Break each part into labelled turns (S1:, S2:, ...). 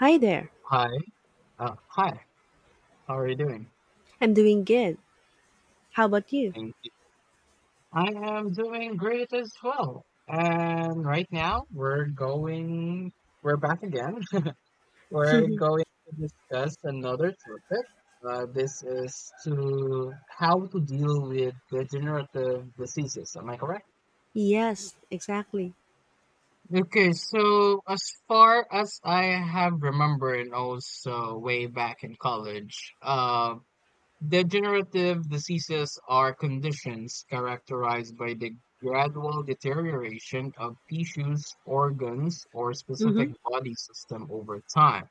S1: Hi there.
S2: Hi. Uh, hi. How are you doing?
S1: I'm doing good. How about you?
S2: Thank you. I am doing great as well. And right now we're back again. We're going to discuss another topic. This is to how to deal with degenerative diseases. Am I correct?
S1: Yes, exactly.
S2: Okay, so as far as I have remembered, and also way back in college, degenerative diseases are conditions characterized by the gradual deterioration of tissues, organs, or specific
S1: Mhm.
S2: body system over time.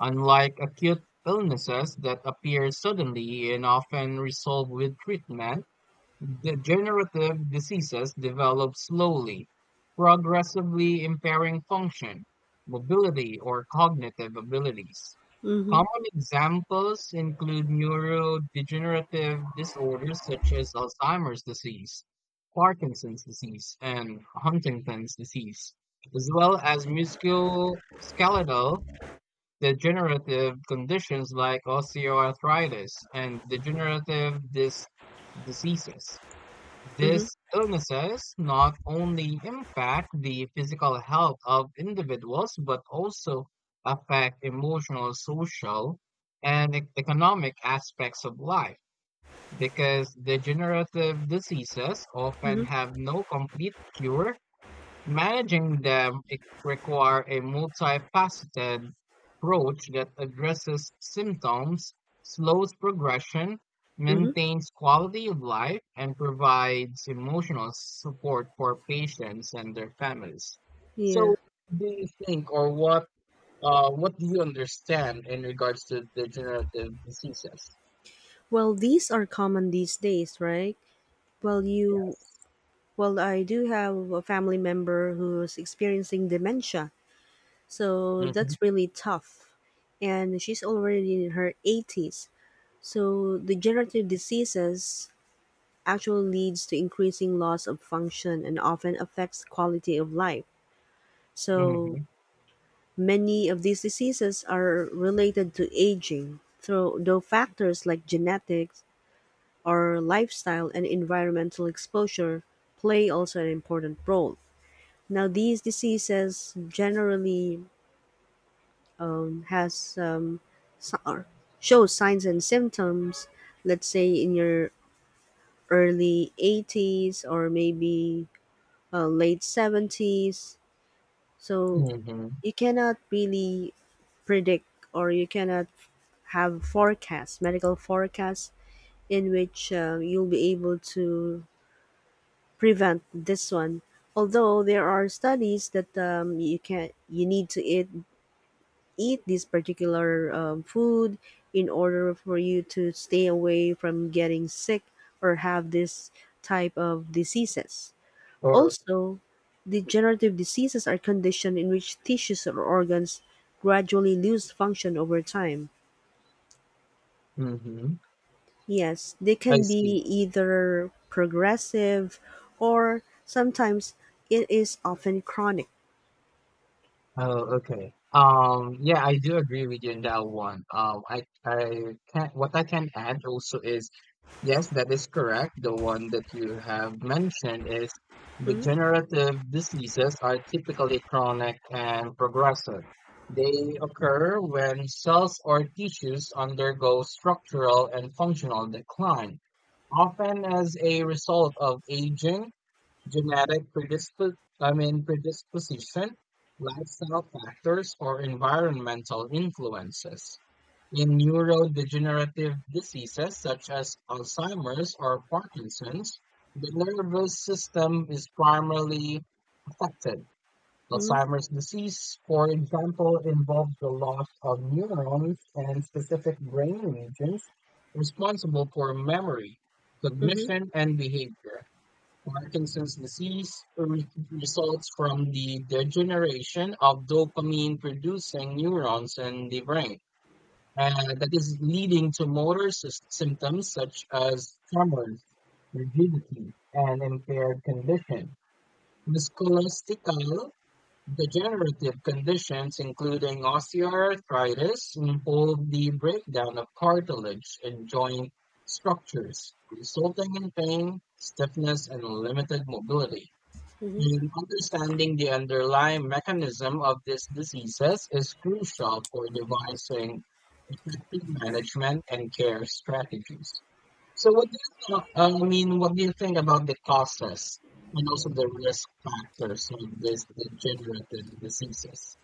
S2: Unlike acute illnesses that appear suddenly and often resolve with treatment, degenerative diseases develop slowly, progressively impairing function, mobility, or cognitive abilities.
S1: Mhm.
S2: Common examples include neurodegenerative disorders such as Alzheimer's disease, Parkinson's disease, and Huntington's disease, as well as musculoskeletal degenerative conditions like osteoarthritis and degenerative dis diseases.
S1: Mhm.
S2: These illnesses not only impact the physical health of individuals, but also affect emotional, social, and economic aspects of life because degenerative diseases often
S1: Mhm.
S2: have no complete cure. Managing them require a multifaceted approach that addresses symptoms, slows progression,
S1: Mhm.
S2: maintains quality of life, and provides emotional support for patients and their families.
S1: Yeah.
S2: So, do you think, or what do you understand in regards to degenerative diseases?
S1: Well, these are common these days, right? Well, you
S2: Yes.
S1: well, I do have a family member who's experiencing dementia. So
S2: Mm-hmm.
S1: that's really tough. And she's already in her 80s. So degenerative diseases actually leads to increasing loss of function and often affects quality of life.
S2: Mm-hmm.
S1: So, many of these diseases are related to aging, though factors like genetics or lifestyle and environmental exposure play also an important role. Now, these diseases generally has so- or show signs and symptoms, let's say in your early 80s or maybe late 70s. So
S2: Mm-hmm.
S1: you cannot really predict, or you cannot have forecasts, medical forecasts, in which you'll be able to prevent this one. Although there are studies that you can you need to eat this particular food in order for you to stay away from getting sick or have this type of diseases.
S2: Or
S1: Also, degenerative diseases are conditions in which tissues or organs gradually lose function over time.
S2: mm-hmm.
S1: Yes, they
S2: I
S1: can be
S2: see.
S1: either progressive, or sometimes it is often chronic.
S2: Oh, okay. Yeah, I do agree with you in that one. I can't. What I can add also is yes, that is correct. The one that you have mentioned is
S1: Hmm.
S2: degenerative diseases are typically chronic and progressive. They occur when cells or tissues undergo structural and functional decline, often as a result of aging, Genetic predisp- I mean predisposition, lifestyle factors, or environmental influences. In neurodegenerative diseases such as Alzheimer's or Parkinson's, the nervous system is primarily affected.
S1: Hmm.
S2: Alzheimer's disease, for example, involves the loss of neurons and specific brain regions responsible for memory, cognition, and behavior. Parkinson's disease results from the degeneration of dopamine producing neurons in the brain, and that is leading to symptoms such as tremors, rigidity, and impaired condition. Musculoskeletal degenerative conditions, including osteoarthritis, involve the breakdown of cartilage and joint structures, resulting in pain, stiffness, and limited mobility.
S1: Hmm.
S2: And understanding the underlying mechanism of these diseases is crucial for devising effective management and care strategies. So, what do you think about the causes and also the risk factors of these degenerative diseases?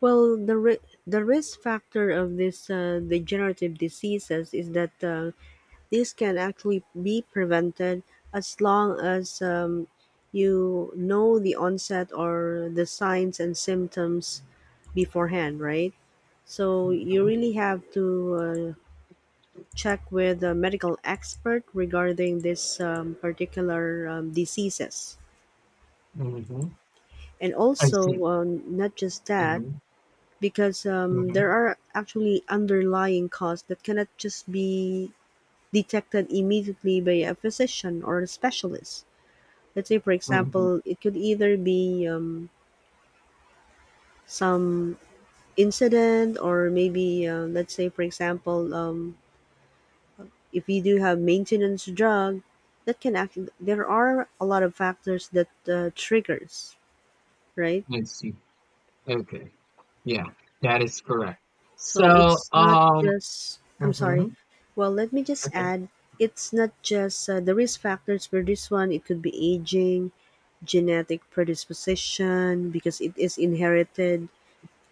S1: Well, the risk factor of this degenerative diseases is that this can actually be prevented as long as you know the onset or the signs and symptoms beforehand, right? So you
S2: Mm-hmm.
S1: really have to uh, check with a medical expert regarding this particular diseases,
S2: Mm-hmm.
S1: and
S2: I see.
S1: also not just that,
S2: Mm-hmm.
S1: because
S2: Mm-hmm.
S1: there are actually underlying causes that cannot just be detected immediately by a physician or a specialist. Let's say, for
S2: Mm-hmm.
S1: example, it could either be some incident, or maybe let's say for example if you do have maintenance drug that can act, there are a lot of factors that triggers, right?
S2: I see. Okay. Yeah, that is correct.
S1: So
S2: So,
S1: it's not just, I'm sorry,
S2: mhm,
S1: well, let me just
S2: okay.
S1: add, it's not just the risk factors for this one. It could be aging, genetic predisposition, because it is inherited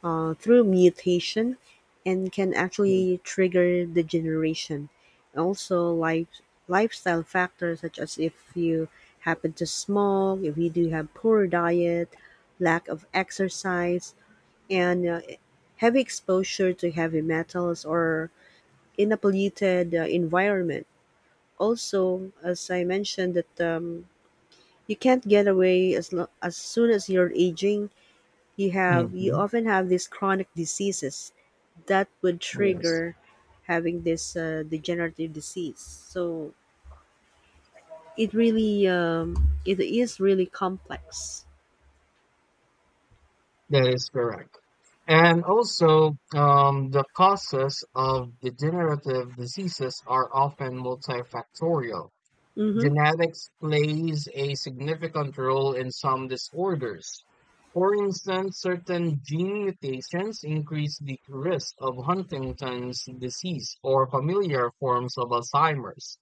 S1: through mutation and can actually trigger degeneration. Also, lifestyle factors such as if you happen to smoke, if you do have poor diet, lack of exercise, and heavy exposure to heavy metals or in a polluted environment. Also, as I mentioned, that you can't get away. As soon as you're aging, you have you
S2: Mm-hmm.
S1: often have these chronic diseases that would
S2: Yes,
S1: trigger having this degenerative disease. So it really it is really complex.
S2: that is correct. And also, the causes of degenerative diseases are often multifactorial.
S1: Mm-hmm.
S2: Genetics plays a significant role in some disorders. For instance, certain gene mutations increase the risk of Huntington's disease or familiar forms of Alzheimer's.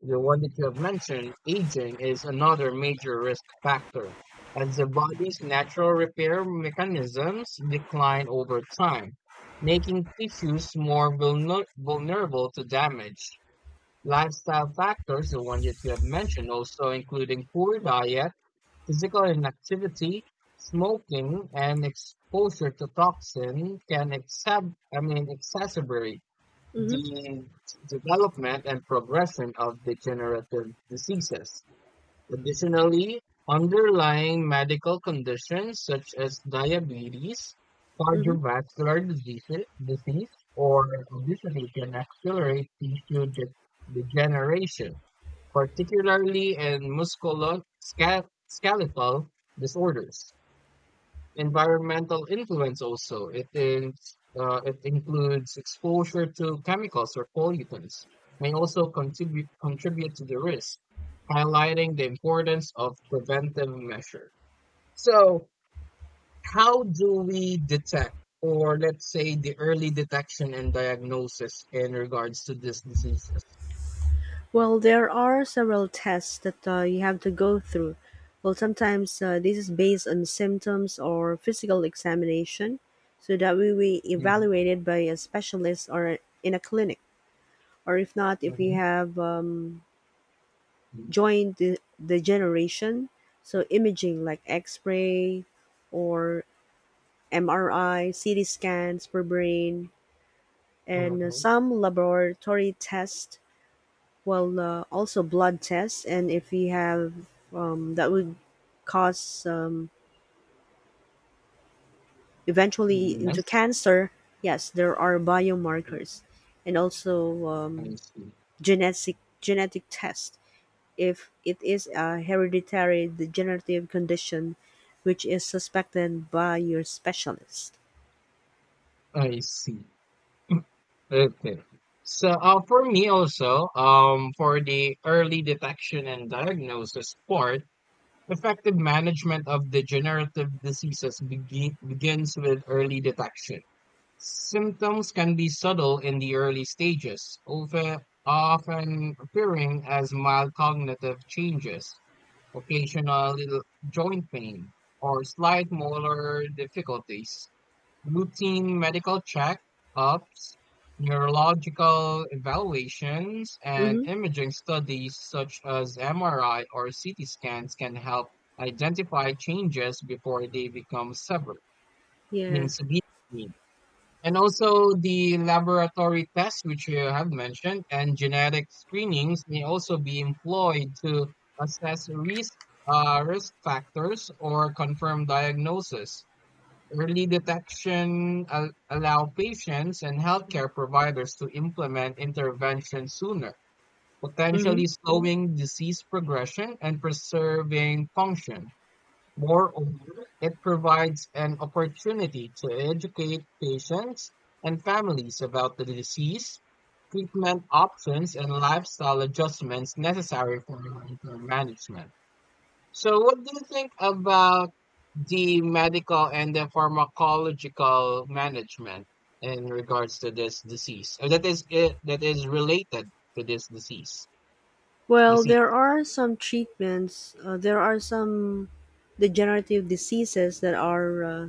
S2: The one that you have mentioned, aging, is another major risk factor, as the body's natural repair mechanisms decline over time, making tissues more vulnerable to damage. Lifestyle factors, the one that you have mentioned, also including poor diet, physical inactivity, smoking, and exposure to toxin can exacerbate
S1: Mm-hmm.
S2: the development and progression of degenerative diseases. Additionally, underlying medical conditions such as diabetes,
S1: Mm-hmm.
S2: cardiovascular disease or obesity can accelerate degeneration, particularly in musculoskeletal disorders. Environmental influence also. It includes exposure to chemicals or pollutants may also contribute to the risk, highlighting the importance of preventive measure. So, how do we detect, or let's say, the early detection and diagnosis in regards to these diseases?
S1: Well, there are several tests that you have to go through. Well, sometimes this is based on symptoms or physical examination, so that we will be
S2: Mhm,
S1: evaluated by a specialist or in a clinic, or if not, if you
S2: mhm,
S1: have joint the so imaging like X-ray or MRI, CT scans for brain, and
S2: mhm.
S1: some laboratory tests. Well, also blood tests, and if we have that would cause eventually into
S2: Yes,
S1: cancer. Yes, there are biomarkers, and also
S2: I see.
S1: genetic tests if it is a hereditary degenerative condition which is suspected by your specialist.
S2: I see. Okay. So, for me also, for the early detection and diagnosis part, effective management of degenerative diseases begins with early detection. Symptoms can be subtle in the early stages, often appearing as mild cognitive changes, occasional little joint pain, or slight motor difficulties, routine medical checkups, neurological evaluations, and
S1: Hmm.
S2: imaging studies such as MRI or CT scans can help identify changes before they become
S1: Yeah.
S2: severe. I And also the laboratory tests, which you have mentioned, and genetic screenings may also be employed to assess risk factors or confirm diagnosis. Early detection allow patients and healthcare providers to implement intervention sooner,
S1: Hmm.
S2: potentially slowing disease progression and preserving function. Moreover, it provides an opportunity to educate patients and families about the disease, treatment options, and lifestyle adjustments necessary for long-term management. So, what do you think about the medical and the pharmacological management in regards to this disease that is related to this disease
S1: Well,
S2: disease
S1: there are some treatments. There are some degenerative diseases that are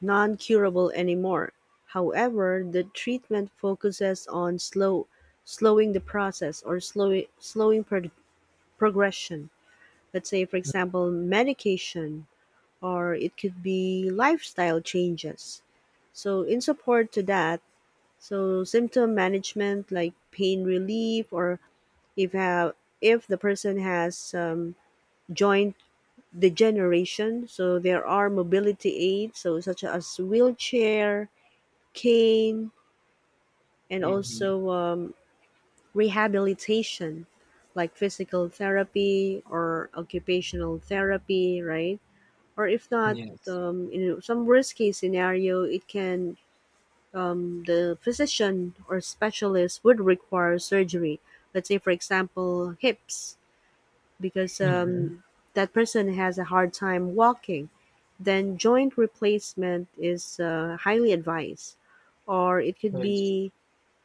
S1: non curable anymore. However, the treatment focuses on slowing the process, or progression. Let's say, for example, medication, or it could be lifestyle changes. So, in support to that, so symptom management like pain relief, or if have if the person has joint degeneration, so there are mobility aids, so such as wheelchair, cane, and
S2: Mm-hmm.
S1: also rehabilitation like physical therapy or occupational therapy, right? Or if not,
S2: Yes.
S1: in some worst case scenario, it can the physician or specialist would require surgery. Let's say, for example, hips, because
S2: Mm-hmm.
S1: that person has a hard time walking, then joint replacement is highly advised. Or it could be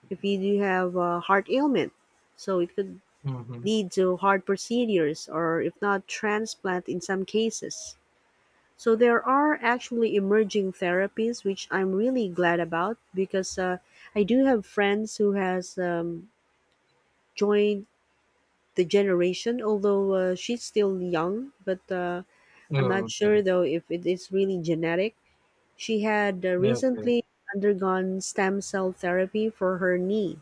S1: if you do have a heart ailment, so it could
S2: Mm-hmm.
S1: lead to heart procedures, or if not, transplant in some cases. So there are actually emerging therapies, which I'm really glad about, because I do have friends who has joined the generation, although she's still young, but I'm not
S2: Oh,
S1: sure
S2: okay
S1: though if it is really genetic. She had
S2: okay
S1: recently undergone stem cell therapy for her knee.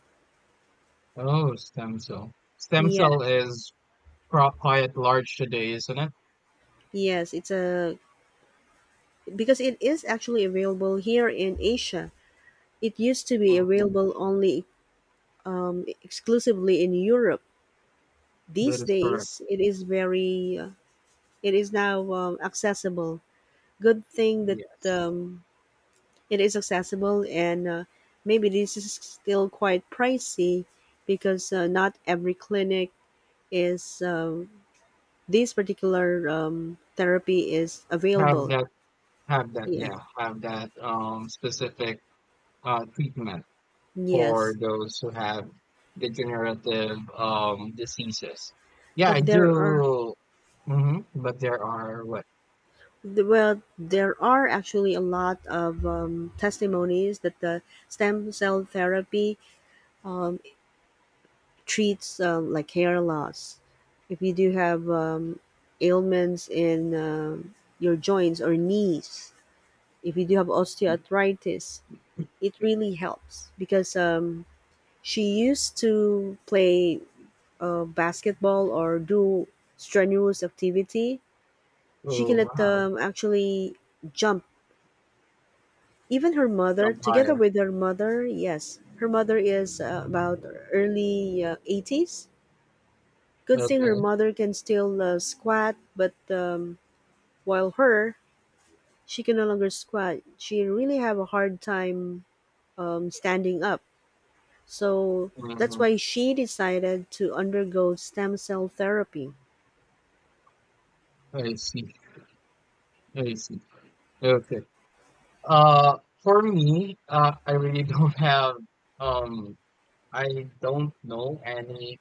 S2: Oh, stem cell stem
S1: Yeah,
S2: cell is quite large today, isn't it?
S1: yes, it's a because it is actually available here in Asia. It used to be
S2: Mhm.
S1: available only exclusively in Europe.
S2: That
S1: These
S2: is correct.
S1: days, it is it is now accessible. Good thing that
S2: Yes.
S1: um, it is accessible, and maybe this is still quite pricey, because not every clinic is this particular therapy is
S2: have
S1: available.
S2: that have that
S1: Yeah.
S2: yeah have that specific treatment for
S1: Yes,
S2: those who have degenerative diseases. Yeah, I
S1: but there are
S2: do. Hmm. But there are what?
S1: well, there are actually a lot of testimonies that the stem cell therapy um, treats like hair loss. If you do have ailments in your joints or knees, if you do have osteoarthritis, it really helps, because she used to play basketball or do strenuous activity. She
S2: Oh
S1: cannot
S2: wow,
S1: actually jump. Even her mother,
S2: jump
S1: together
S2: higher.
S1: with her mother, yes, her mother is about early 80s. Good thing her
S2: Okay.
S1: mother can still squat, but while her, she can no longer squat. She really have a hard time standing up. So that's
S2: Hmm.
S1: why she decided to undergo stem cell therapy.
S2: I see. I see. Okay. For me, I really don't have. Um, I don't know any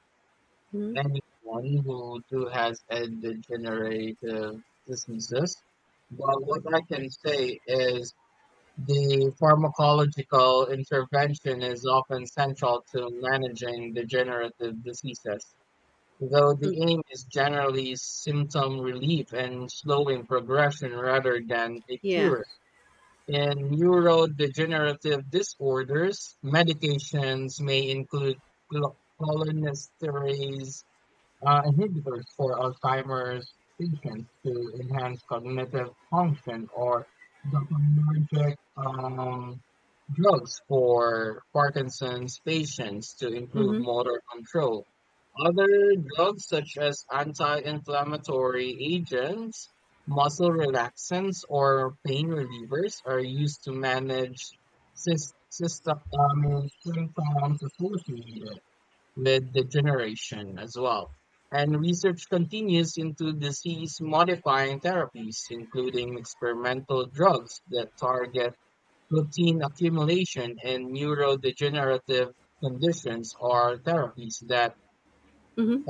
S1: Mhm.
S2: anyone who has a degenerative diseases. But what I can say is the pharmacological intervention is often central to managing degenerative diseases, though
S1: Mm.
S2: the aim is generally symptom relief and slowing progression rather than a
S1: Yeah.
S2: cure. In neurodegenerative disorders, medications may include cholinesterase inhibitors for Alzheimer's patients to enhance cognitive function or dopaminergic drugs for Parkinson's patients to improve
S1: Mm-hmm.
S2: motor control. Other drugs such as anti-inflammatory agents, muscle relaxants, or pain relievers are used to manage symptoms associated with degeneration as well. And research continues into disease modifying therapies, including experimental drugs that target protein accumulation in neurodegenerative conditions or therapies that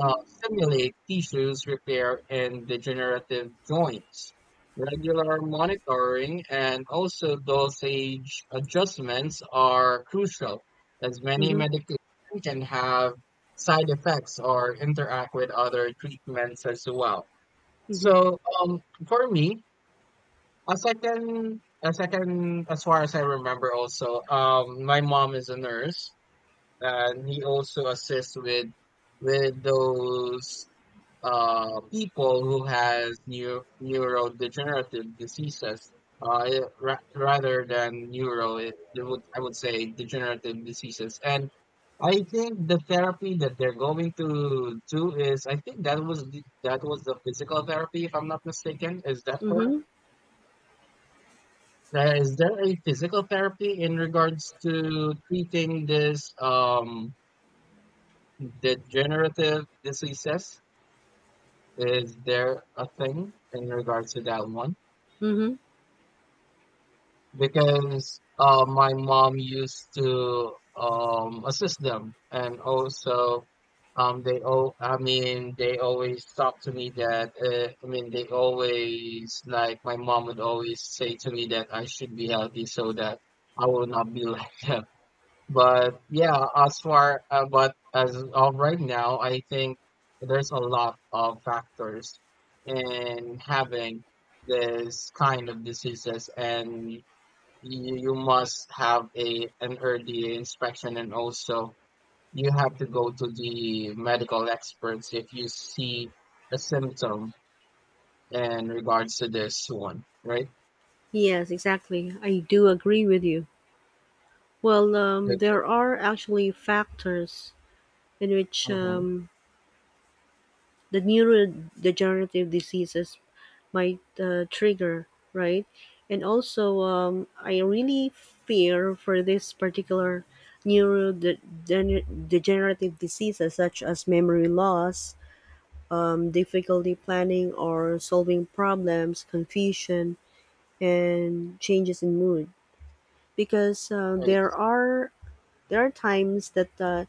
S2: stimulate tissues repair and degenerative joints. Regular monitoring and also dosage adjustments are crucial, as many
S1: Mm-hmm.
S2: medications can have side effects or interact with other treatments as well.
S1: Mm-hmm.
S2: So, for me, a second, as far as I remember, also, my mom is a nurse, and he also assists with those people who has neurodegenerative diseases, rather than neuro it, they would I would say degenerative diseases, and I think the therapy that they're going to do is I think that was the physical therapy if I'm not mistaken, is that correct?
S1: Mm-hmm.
S2: Is there a physical therapy in regards to treating this um degenerative diseases, is there a thing in regards to that one,
S1: Mm-hmm.
S2: because my mom used to assist them, and also they all I mean they always talk to me that I mean they always like my mom would always say to me that I should be healthy so that I will not be like them. But yeah, as far but as of right now, I think there's a lot of factors in having this kind of diseases, and you must have a an early inspection, and also you have to go to the medical experts if you see a symptom in regards to this one, right?
S1: Yes, exactly. I do agree with you. Well,
S2: Okay.
S1: there are actually factors in which
S2: Mm-hmm.
S1: the neurodegenerative diseases might trigger, right? And also, I really fear for this particular neurodegenerative diseases such as memory loss, difficulty planning or solving problems, confusion, and changes in mood. Because
S2: I,
S1: there are times that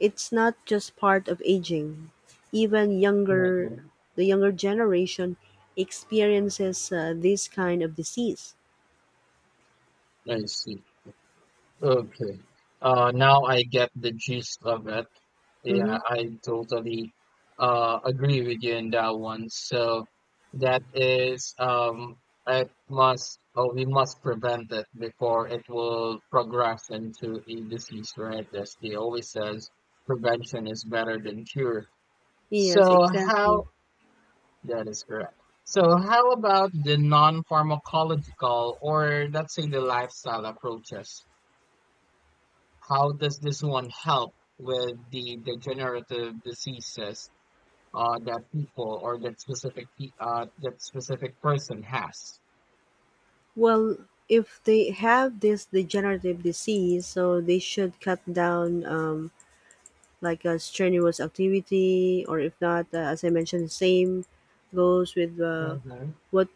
S1: it's not just part of aging. Even younger,
S2: mhm.
S1: the younger generation experiences this kind of disease.
S2: I see. Okay. Now I get the gist of it. Yeah,
S1: Hmm.
S2: I totally agree with you in that one. So that is it must oh we must prevent it before it will progress into a disease, right? As they always says, prevention is better than cure. So
S1: Yes,
S2: how
S1: exactly.
S2: That is correct. So how about the non-pharmacological or let's say the lifestyle approaches? How does this one help with the degenerative diseases that people or that specific person has?
S1: Well, if they have this degenerative disease, so they should cut down like a strenuous activity, or if not, as I mentioned, same goes with
S2: Mm-hmm.
S1: what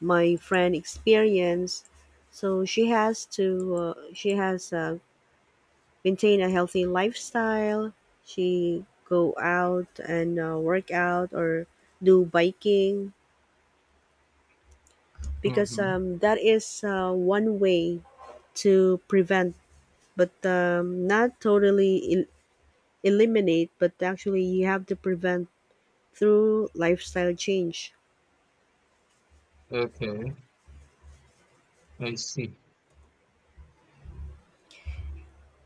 S1: my friend experienced. So she has to, she has maintain a healthy lifestyle. She go out and work out or do biking, because
S2: Mm-hmm.
S1: that is one way to prevent, but not totally eliminate, but actually you have to prevent through lifestyle change.
S2: Okay, I see.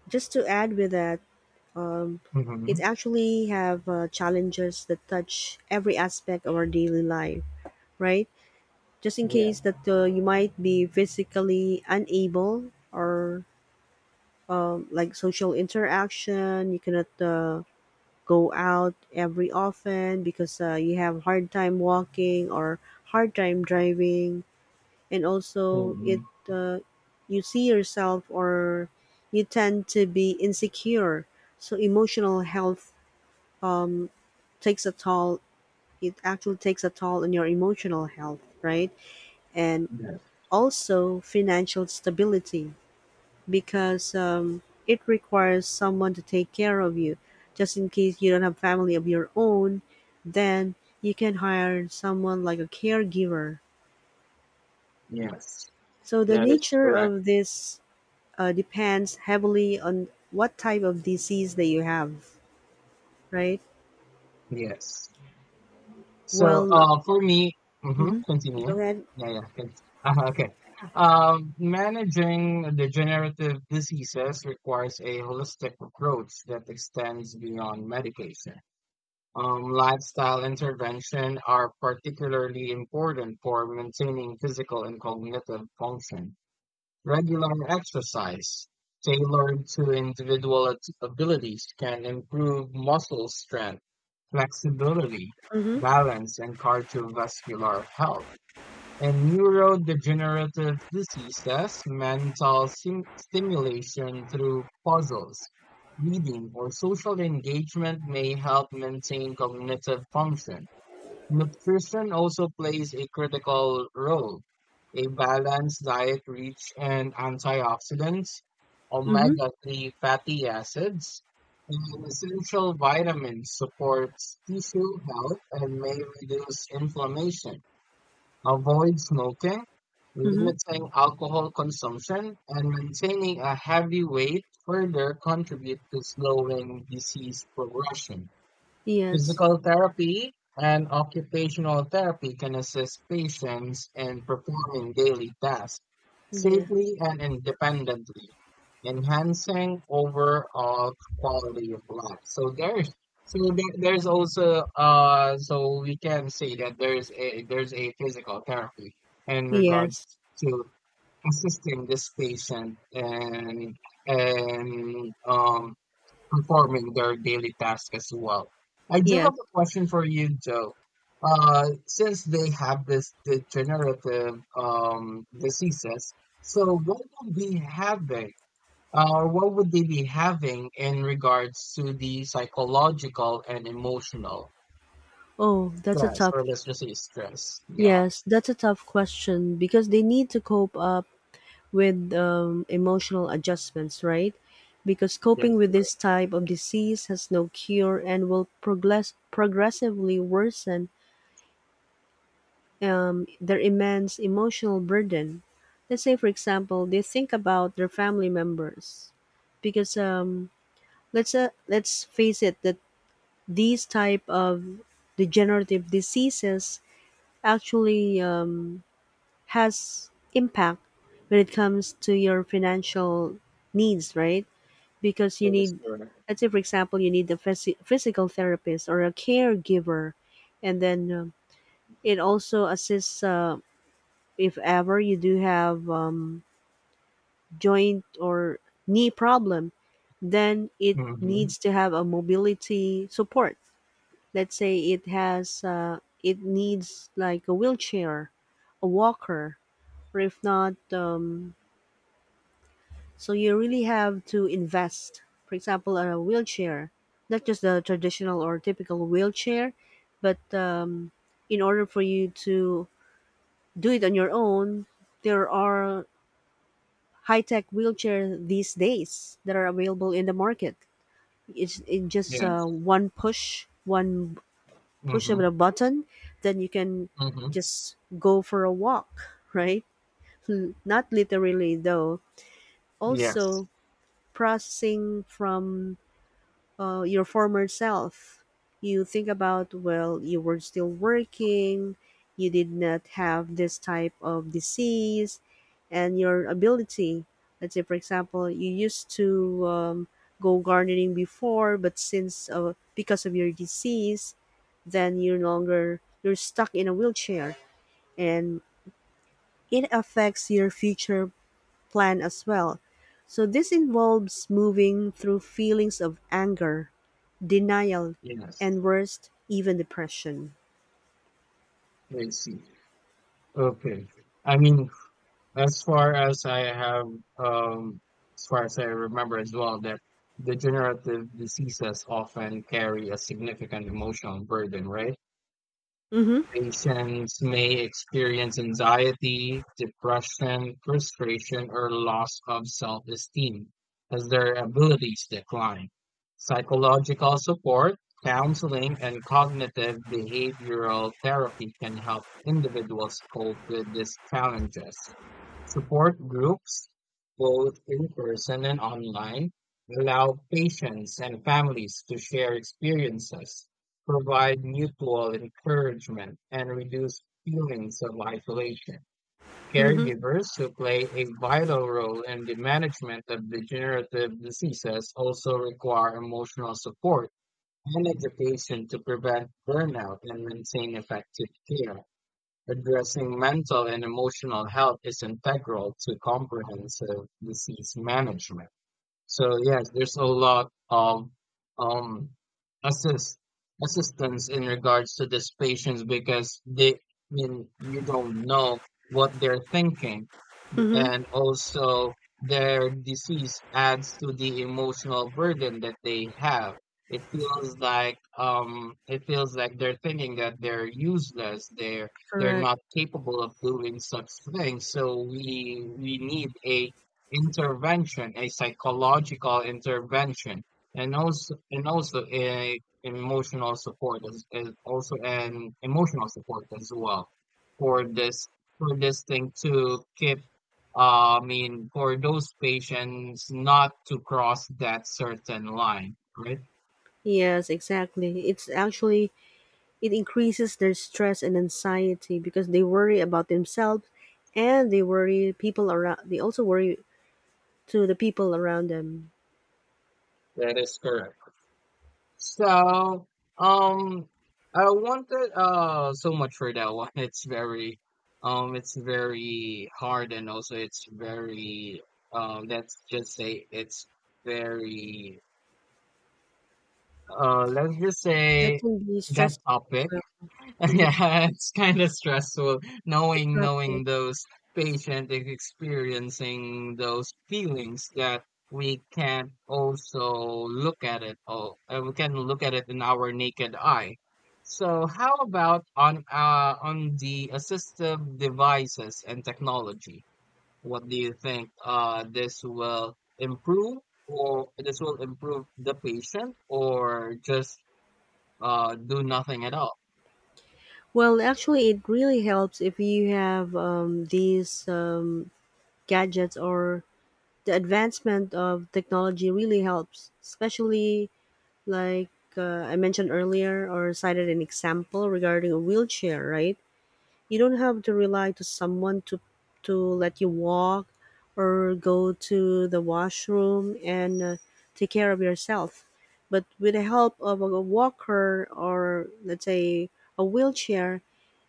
S1: Just to add with that, um, it
S2: Mm-hmm.
S1: actually have challenges that touch every aspect of our daily life, right? Just in
S2: Yeah.
S1: case that you might be physically unable, or like social interaction, you cannot go out every often, because you have hard time walking or hard time driving, and also it
S2: Mm-hmm.
S1: uh, you see yourself, or you tend to be insecure, so emotional health um, takes a toll takes a toll on your emotional health, right? And
S2: Yes.
S1: also financial stability, because it requires someone to take care of you. Just in case you don't have family of your own, then you can hire someone like a caregiver.
S2: Yes.
S1: So the
S2: That is
S1: nature
S2: correct.
S1: of this depends heavily on what type of disease that you have, right?
S2: Yes. So,
S1: Well,
S2: for me, hmm,
S1: hmm,
S2: continue.
S1: go ahead.
S2: Yeah, yeah. Okay. Managing degenerative diseases requires a holistic approach that extends beyond medication. Lifestyle intervention are particularly important for maintaining physical and cognitive function. Regular exercise tailored to individual abilities can improve muscle strength, flexibility,
S1: Mm-hmm.
S2: balance, and cardiovascular health. In neurodegenerative diseases, stimulation through puzzles, reading, or social engagement may help maintain cognitive function. Nutrition also plays a critical role. A balanced diet rich in antioxidants,
S1: Mm-hmm.
S2: omega-3 fatty acids, and essential vitamins supports tissue health and may reduce inflammation. Avoid smoking,
S1: Mm-hmm.
S2: limiting alcohol consumption, and maintaining a heavy weight further contribute to slowing disease progression.
S1: Yes.
S2: Physical therapy and occupational therapy can assist patients in performing daily tasks
S1: Yeah.
S2: safely and independently, enhancing overall quality of life. So there, there's also so we can say that there's a physical therapy in regards
S1: Yes.
S2: to assisting this patient and performing their daily tasks as well. I do have
S1: Yes.
S2: a question for you, Joe. Since they have this degenerative diseases, so what would be having, or what would they be having in regards to the psychological and emotional
S1: Oh, that's a
S2: stress,
S1: tough.
S2: or let's just say stress? Yeah,
S1: Yes, that's a tough question, because they need to cope up with emotional adjustments, right? Because
S2: that
S1: coping
S2: is
S1: with this
S2: correct.
S1: type of disease has no cure and will progressively worsen their immense emotional burden. Let's say, for example, they think about their family members, because let's face it that these type of degenerative diseases actually has impact when it comes to your financial needs, right? Because you
S2: That is
S1: need,
S2: correct.
S1: let's say, for example, you need a physical therapist or a caregiver, and then it also assists if ever you do have joint or knee problem, then it
S2: Mm-hmm.
S1: needs to have a mobility support. Let's say it has, it needs like a wheelchair, a walker, or if not, so you really have to invest. For example, a wheelchair, not just the traditional or typical wheelchair, but in order for you to do it on your own, there are high-tech wheelchair these days that are available in the market. It's in just
S2: Yes.
S1: one push of
S2: Mm-hmm.
S1: a button, then you can
S2: Mm-hmm.
S1: just go for a walk, right? Hmm, not literally though.
S2: Yes.
S1: Also, processing from your former self. You think about, well, you were still working, you did not have this type of disease, and your ability. Let's say, for example, you used to go gardening before, but since because of your disease, then you're no longer you're stuck in a wheelchair, and it affects your future plan as well. So this involves moving through feelings of anger, denial,
S2: Yes.
S1: and worst, even depression.
S2: I see. Okay. I mean, As far as I have, um, as far as I remember as well, that degenerative diseases often carry a significant emotional burden, right?
S1: Mm-hmm.
S2: Patients may experience anxiety, depression, frustration, or loss of self esteem as their abilities decline. Psychological support, counseling, and cognitive behavioral therapy can help individuals cope with these challenges. Support groups, both in person and online, allow patients and families to share experiences provide mutual encouragement, and reduce feelings of isolation.
S1: Mm-hmm.
S2: Caregivers who play a vital role in the management of degenerative diseases also require emotional support and education to prevent burnout and maintain effective care. Addressing mental and emotional health is integral to comprehensive disease management. So yes, there's a lot of um assist assistance in regards to these patients because they I mean you don't know what they're thinking,
S1: Mm-hmm.
S2: and also their disease adds to the emotional burden that they have. It feels like they're thinking that they're useless. They're
S1: Correct.
S2: not capable of doing such things. So we need a intervention, a psychological intervention, and also a emotional support as also an emotional support as well for this for this thing to keep I mean, for those patients not to cross that certain line, right?
S1: Yes, exactly. It's actually it increases their stress and anxiety, because they worry about themselves, and they worry people around, they also worry to the people around them.
S2: That is correct. So, um, I wanted so much for that one. It's very hard, and also it's very, let's just say it's very, let's just
S1: That
S2: say
S1: can be
S2: that
S1: stressful as
S2: topic.
S1: well. Mhm.
S2: Yeah, it's kind of stressful
S1: The
S2: knowing
S1: topic.
S2: those patient is experiencing those feelings that we can't also look at it all. We can look at it in our naked eye. So how about on the assistive devices and technology? What do you think this will improve or this will improve the patient or just do nothing at all?
S1: Well, actually it really helps if you have these gadgets, or the advancement of technology really helps, especially like I mentioned earlier, or cited an example regarding a wheelchair, right? You don't have to rely to someone to let you walk or go to the washroom and take care of yourself. But with the help of a walker, or let's say a wheelchair,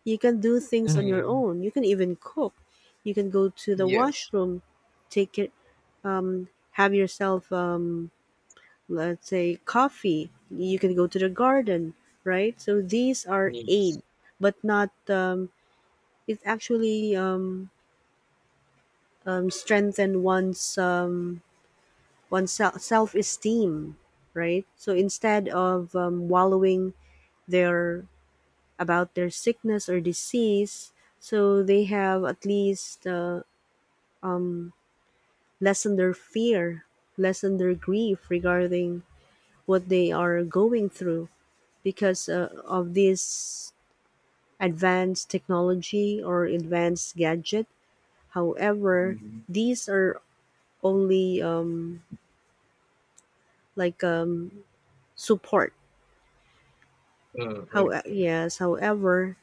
S1: you can do things on your own. You can even cook. You can go to the
S2: Yes,
S1: washroom, take it, have yourself let's say coffee, you can go to the garden, right? So these are
S2: needs.
S1: aid, but not it actually strengthen one's self esteem, right? So instead of wallowing their about their sickness or disease, so they have at least lessen their fear, lessen their grief regarding what they are going through, because of this advanced technology or advanced gadget. However,
S2: Mm,
S1: these are only like support.
S2: oh,
S1: How
S2: okay.
S1: yes, however,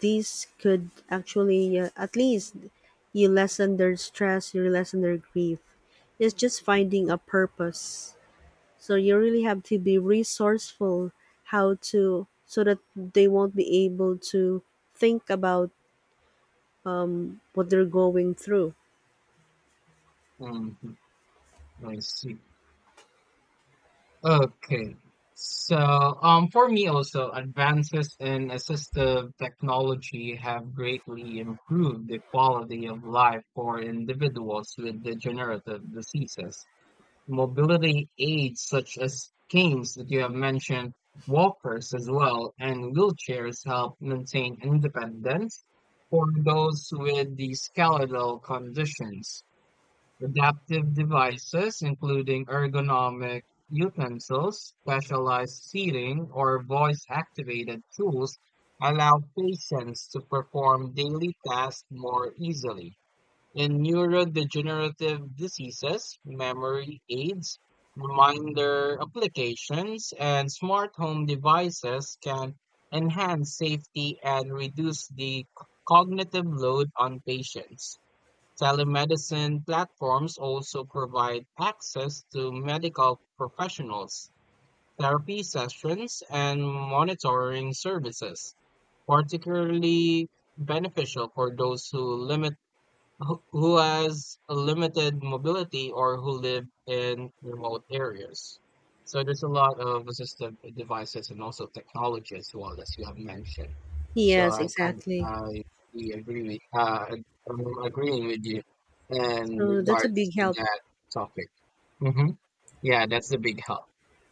S1: these could actually at least you lessen their stress, you lessen their grief. It's just finding a purpose. So you really have to be resourceful how to so that they won't be able to think about what they're going through.
S2: Hmm. I see. Okay. So, for me also, advances in assistive technology have greatly improved the quality of life for individuals with degenerative diseases. Mobility aids such as canes that you have mentioned, walkers as well, and wheelchairs help maintain independence for those with the skeletal conditions. Adaptive devices, including ergonomic utensils, specialized seating, or voice activated tools, allow patients to perform daily tasks more easily. In neurodegenerative diseases, memory aids, reminder applications, and smart home devices can enhance safety and reduce the cognitive load on patients. Telemedicine platforms also provide access to medical professionals, therapy sessions, and monitoring services, particularly beneficial for those who has a limited mobility or who live in remote areas. So there's a lot of assistive devices and also technology as well, as you have mentioned. So
S1: Yes,
S2: I kind of
S1: exactly.
S2: I really agree with I'm agreeing with you in
S1: So that's a
S2: regards
S1: big
S2: to
S1: help.
S2: that topic. Hmm. Yeah, that's a big help.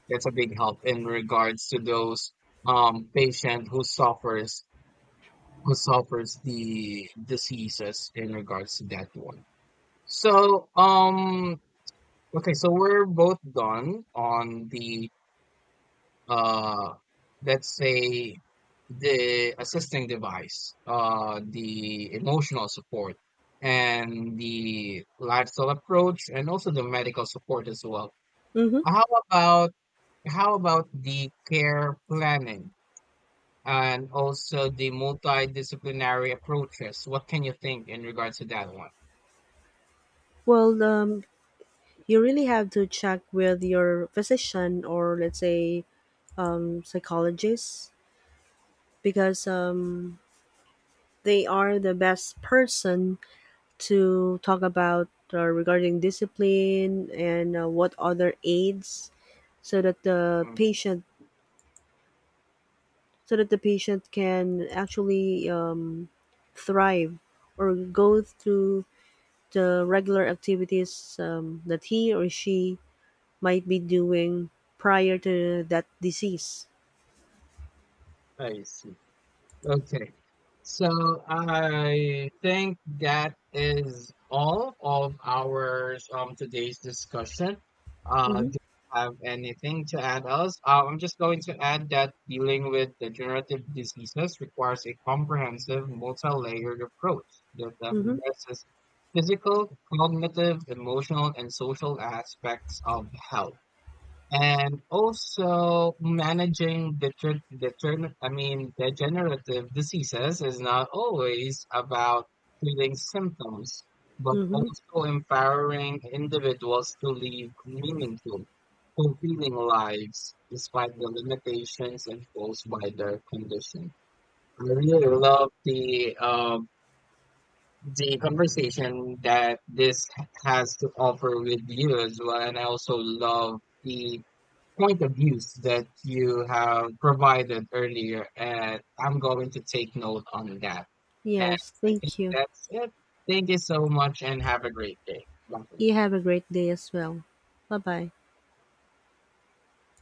S2: That's a big help in regards to those patient who suffers the diseases in regards to that one. So, okay, so we're both done on the uh, let's say the assisting device, the emotional support and the lifestyle approach and also the medical support as well.
S1: Hmm.
S2: How about how about the care planning and also the multidisciplinary approaches? What can you think in regards to that one?
S1: Well, you really have to check with your physician, or let's say psychologist, because they are the best person to talk about regarding discipline, and what other aids so that the
S2: Uhum.
S1: patient so that the patient can actually thrive or go through the regular activities that he or she might be doing prior to that disease.
S2: Aí sim. Okay. So I think that is all of our today's discussion.
S1: Mhm.
S2: Do you have anything to add else? I'm just going to add that dealing with degenerative diseases requires a comprehensive, multi-layered approach that
S1: Mhm.
S2: addresses physical, cognitive, emotional, and social aspects of health, and also managing I mean degenerative diseases is not always about treating symptoms, but
S1: Mhm.
S2: also empowering individuals to live meaningful, fulfilling lives despite the limitations imposed by their condition. I really love the conversation that this has to offer with you as well. And I also love the point of views that you have provided earlier. And I'm going to take note on that. And
S1: Yes,
S2: I think
S1: thank you.
S2: that's it. Thank you so much and have a great day. Bye.
S1: You have a great day as well. Bye-bye.